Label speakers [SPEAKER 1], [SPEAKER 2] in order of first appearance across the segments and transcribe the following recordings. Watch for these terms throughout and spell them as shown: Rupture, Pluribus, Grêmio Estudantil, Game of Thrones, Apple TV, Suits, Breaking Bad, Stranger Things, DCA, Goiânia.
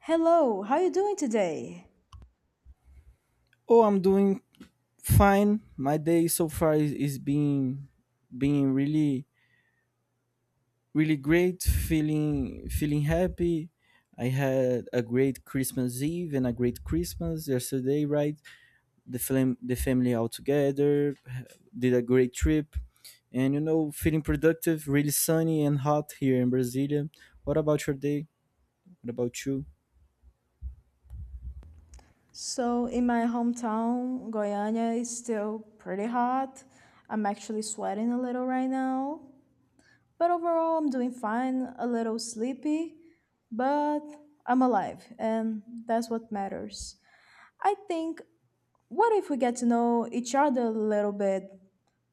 [SPEAKER 1] Hello, how are you doing today?
[SPEAKER 2] Oh, I'm doing fine. My day so far is being really great. Feeling happy. I had a great Christmas Eve and a great Christmas yesterday, right? The family all together did a great trip, and you know, feeling productive. Really sunny and hot here in Brasilia. What about your day? What about you?
[SPEAKER 1] So, in my hometown, Goiânia is still pretty hot. I'm actually sweating a little right now. But overall, I'm doing fine, a little sleepy, but I'm alive, and that's what matters. I think, what if we get to know each other a little bit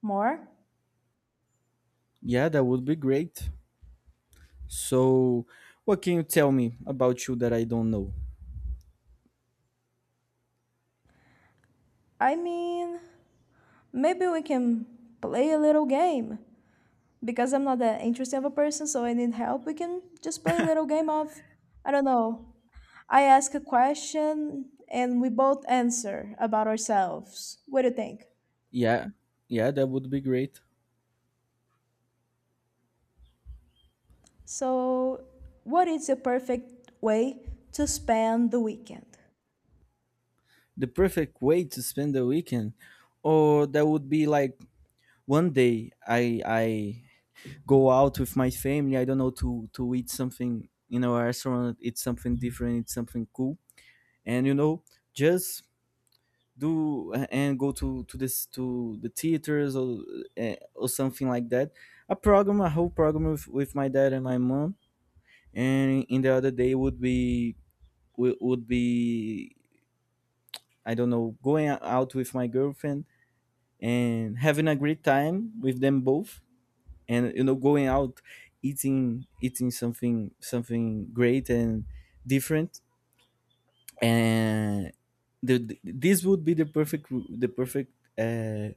[SPEAKER 1] more?
[SPEAKER 2] Yeah, that would be great. So, what can you tell me about you that I don't know?
[SPEAKER 1] I mean, maybe we can play a little game. Because I'm not that interesting of a person, so I need help, we can just play a little game of, I don't know, I ask a question and we both answer about ourselves. What do you think?
[SPEAKER 2] Yeah, yeah, that would be great.
[SPEAKER 1] So, what is the perfect way to spend the weekend?
[SPEAKER 2] The perfect way to spend the weekend, or that would be like one day I go out with my family. I don't know, to eat something in a restaurant. Eat something different. Eat something cool, and you know, just do and go to the theaters, or or something like that. A program, a whole program with my dad and my mom. And in the other day would be would be, I don't know, going out with my girlfriend and having a great time with them both, and you know, going out, eating something, something great and different, and this would be the perfect, the perfect uh,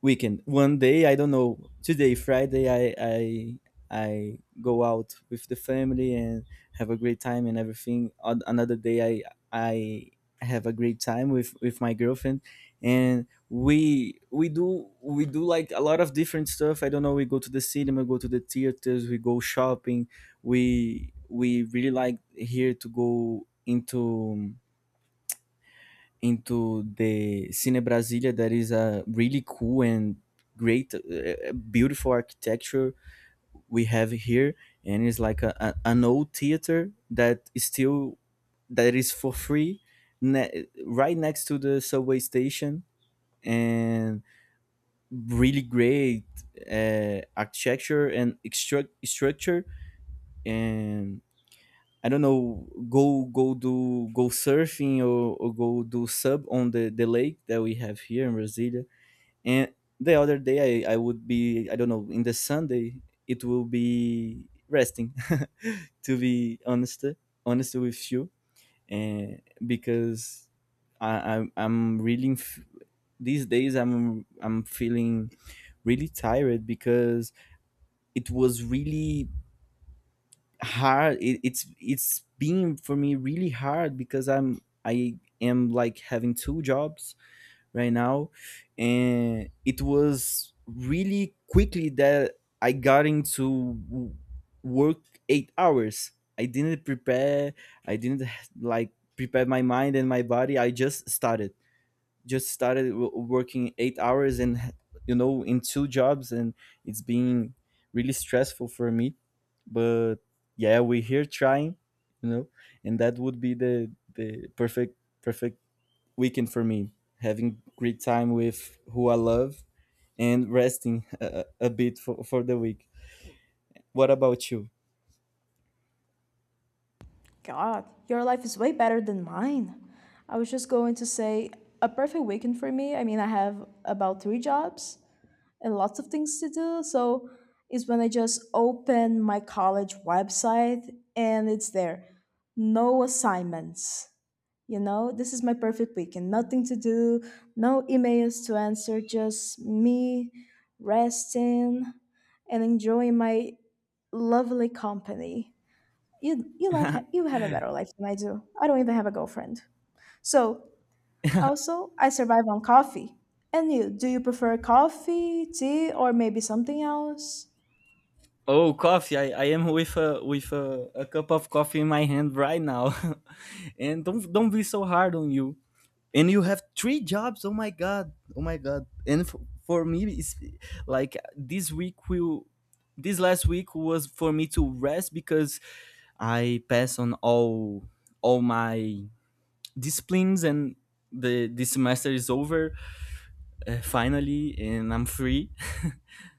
[SPEAKER 2] weekend. One day, I don't know, today, Friday, I I go out with the family and have a great time and everything. Another day, I have a great time with my girlfriend, and we do like a lot of different stuff. I don't know. We go to the cinema, go to the theaters, we go shopping. We really like here to go into the Cine Brasilia, that is a really cool and great, beautiful architecture we have here, and it's like an old theater that is still, that is for free, right next to the subway station, and really great architecture and structure and. I don't know. Go surfing, or go do sub on the lake that we have here in Brasilia. And the other day I would be, I don't know, in the Sunday it will be resting to be honest, honest with you, and because I, I'm really these days I'm feeling really tired, because it was really hard. It's been for me really hard, because I am like having 2 jobs right now, and it was really quickly that I got into work 8 hours. I didn't prepare, I didn't, like, prepare my mind and my body, I just started, working 8 hours, and, you know, in 2 jobs. And it's been really stressful for me. But yeah, we're here trying, you know. And that would be the perfect weekend for me, having great time with who I love, and resting a bit for the week. What about you?
[SPEAKER 1] God, your life is way better than mine. I was just going to say a perfect weekend for me. I mean, I have about three jobs, and lots of things to do. So is when I just open my college website and it's there. No assignments. You know, this is my perfect weekend. Nothing to do, no emails to answer, just me resting and enjoying my lovely company. You have a better life than I do. I don't even have a girlfriend. So also, I survive on coffee. And you, do you prefer coffee, tea, or maybe something else?
[SPEAKER 2] Oh, coffee! I am with a a cup of coffee in my hand right now, and don't be so hard on you. And you have 3 jobs! Oh my god! Oh my god! And for me, it's like this week will, this last week was for me to rest, because I pass on all my disciplines, and the this semester is over, finally, and I'm free.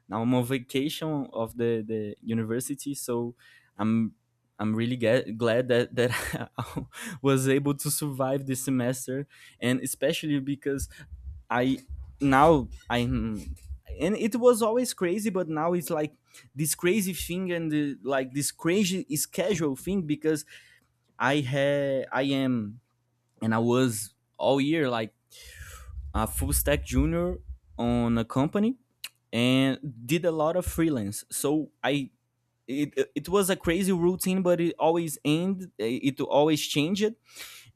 [SPEAKER 2] Now I'm on vacation of the university. So i'm I'm really glad that that I was able to survive this semester. And especially because I now I'm and it was always crazy, but now it's like this crazy thing and like this crazy schedule thing, because I had I am and I was all year like a full stack junior on a company, and did a lot of freelance. So I, it was a crazy routine, but it always ended, it always changed,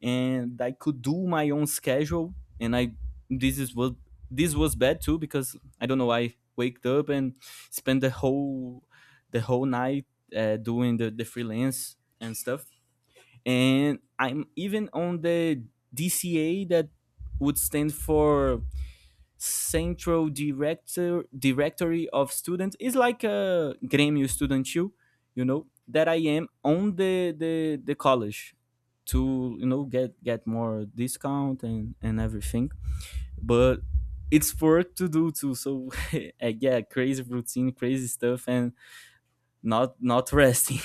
[SPEAKER 2] and I could do my own schedule. And I this is what this was bad too, because, I don't know, I waked up and spent the whole, the whole night, doing the freelance and stuff. And I'm even on the DCA, that would stand for Central Director Directory of Students. It's like a Grêmio Estudantil, you know, that I am on the college, to, you know, get more discount and everything, but it's work to do too, so yeah, crazy routine, crazy stuff, and not resting.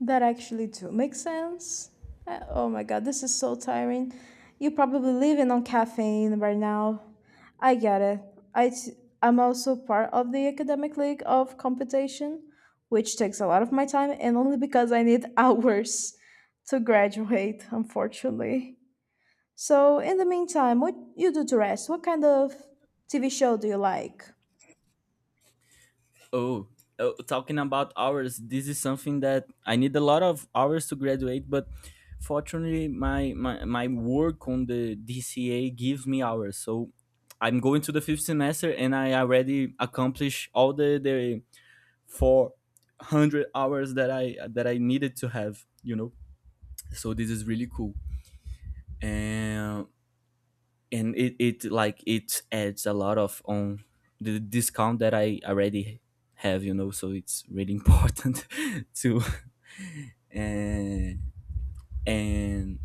[SPEAKER 1] That actually do make sense. Oh my god, this is so tiring. You're probably living on caffeine right now. I get it. I t- I'm also part of the academic league of computation, which takes a lot of my time and only because I need hours to graduate, unfortunately. So, in the meantime, what you do to rest? What kind of TV show do you like?
[SPEAKER 2] Oh, oh, talking about hours, this is something that I need a lot of hours to graduate, but fortunately, my work on the DCA gives me hours. So I'm going to the 5th semester, and I already accomplished all the 400 hours that I needed to have, you know, so this is really cool. And it, like, it adds a lot of on the discount that I already have, you know, so it's really important to, and and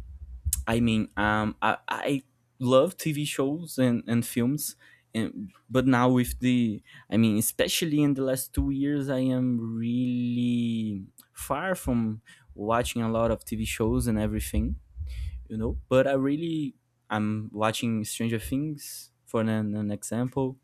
[SPEAKER 2] I mean, I love TV shows and films. And but now with the, I mean, especially in the last 2 years, I am really far from watching a lot of TV shows and everything, you know. But I really, I'm watching Stranger Things for an example.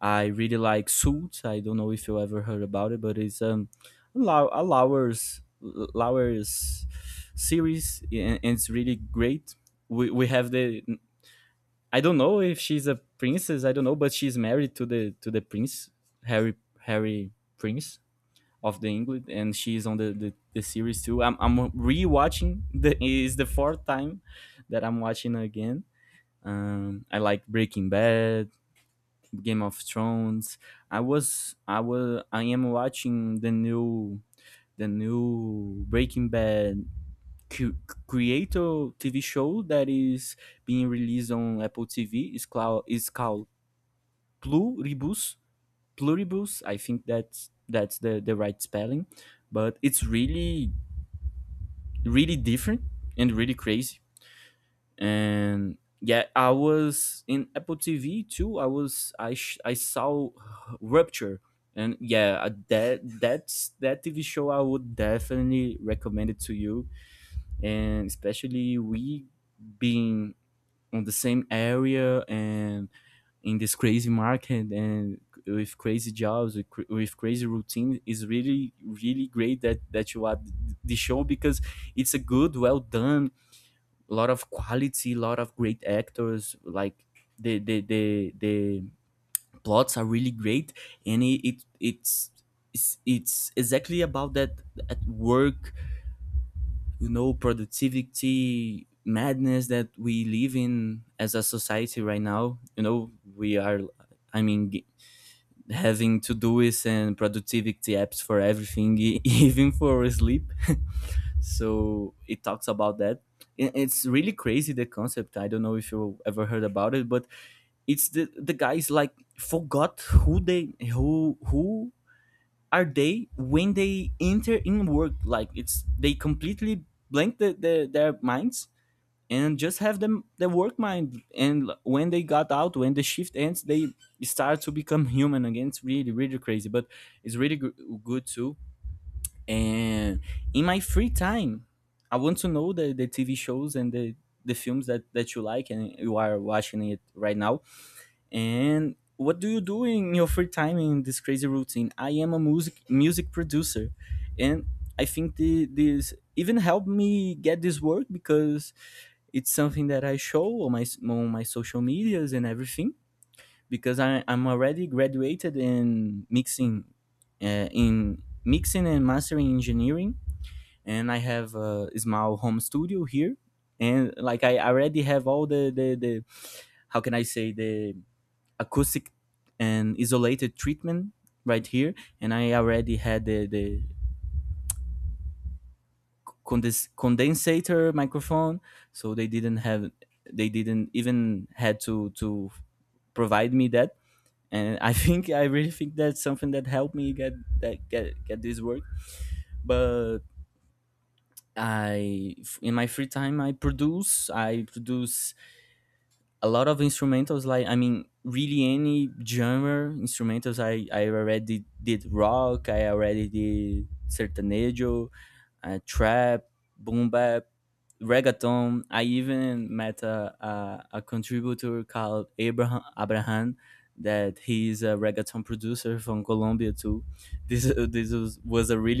[SPEAKER 2] I really like Suits. I don't know if you ever heard about it, but it's, a Lauer's series, and it's really great. We have the, I don't know if she's a princess, I don't know, but she's married to the, to the prince Harry Harry Prince of the England, and she's on the series too. I'm rewatching. The is the 4th time that I'm watching again. I like Breaking Bad, Game of Thrones. I was, I am watching the new, the new Breaking Bad cu- creator TV show that is being released on Apple TV. Is called Pluribus. Pluribus. I think that's the right spelling, but it's really really different and really crazy. And yeah, I was in Apple TV too. I was, I saw Rupture, and yeah, that that's that TV show I would definitely recommend it to you, and especially, we being on the same area and in this crazy market and with crazy jobs, with, with crazy routine, is really really great that that you had the show, because it's a good, well done, a lot of quality, a lot of great actors. Like, the plots are really great, and it's exactly about that at work, you know, productivity madness that we live in as a society right now, you know. We are, I mean, having to do is and productivity apps for everything even for sleep. So it talks about that, and it's really crazy the concept. I don't know if you ever heard about it, but it's the guys like forgot who they, who are they when they enter in work, like it's they completely blank their minds, and just have them the work mind. And when they got out, when the shift ends, they start to become human again. It's really really crazy, but it's really good too. And in my free time, I want to know the TV shows and the films that, that you like and you are watching it right now. And what do you do in your free time in this crazy routine? I am a music producer, and I think this even helped me get this work, because it's something that I show on my, on my social medias and everything. Because I, I'm already graduated in mixing and mastering engineering, and I have, a small home studio here. And like, I already have all the, how can I say, the acoustic and isolated treatment right here, and I already had the condensator microphone, so they didn't have, they didn't even had to provide me that. And I think, I really think that's something that helped me get that get this work. But I, in my free time, I produce, a lot of instrumentals, like, I mean, really any genre instrumentals. I already did rock, I already did sertanejo, trap, boom bap, reggaeton. I even met a contributor called Abraham, that he's a reggaeton producer from Colombia too. This was a really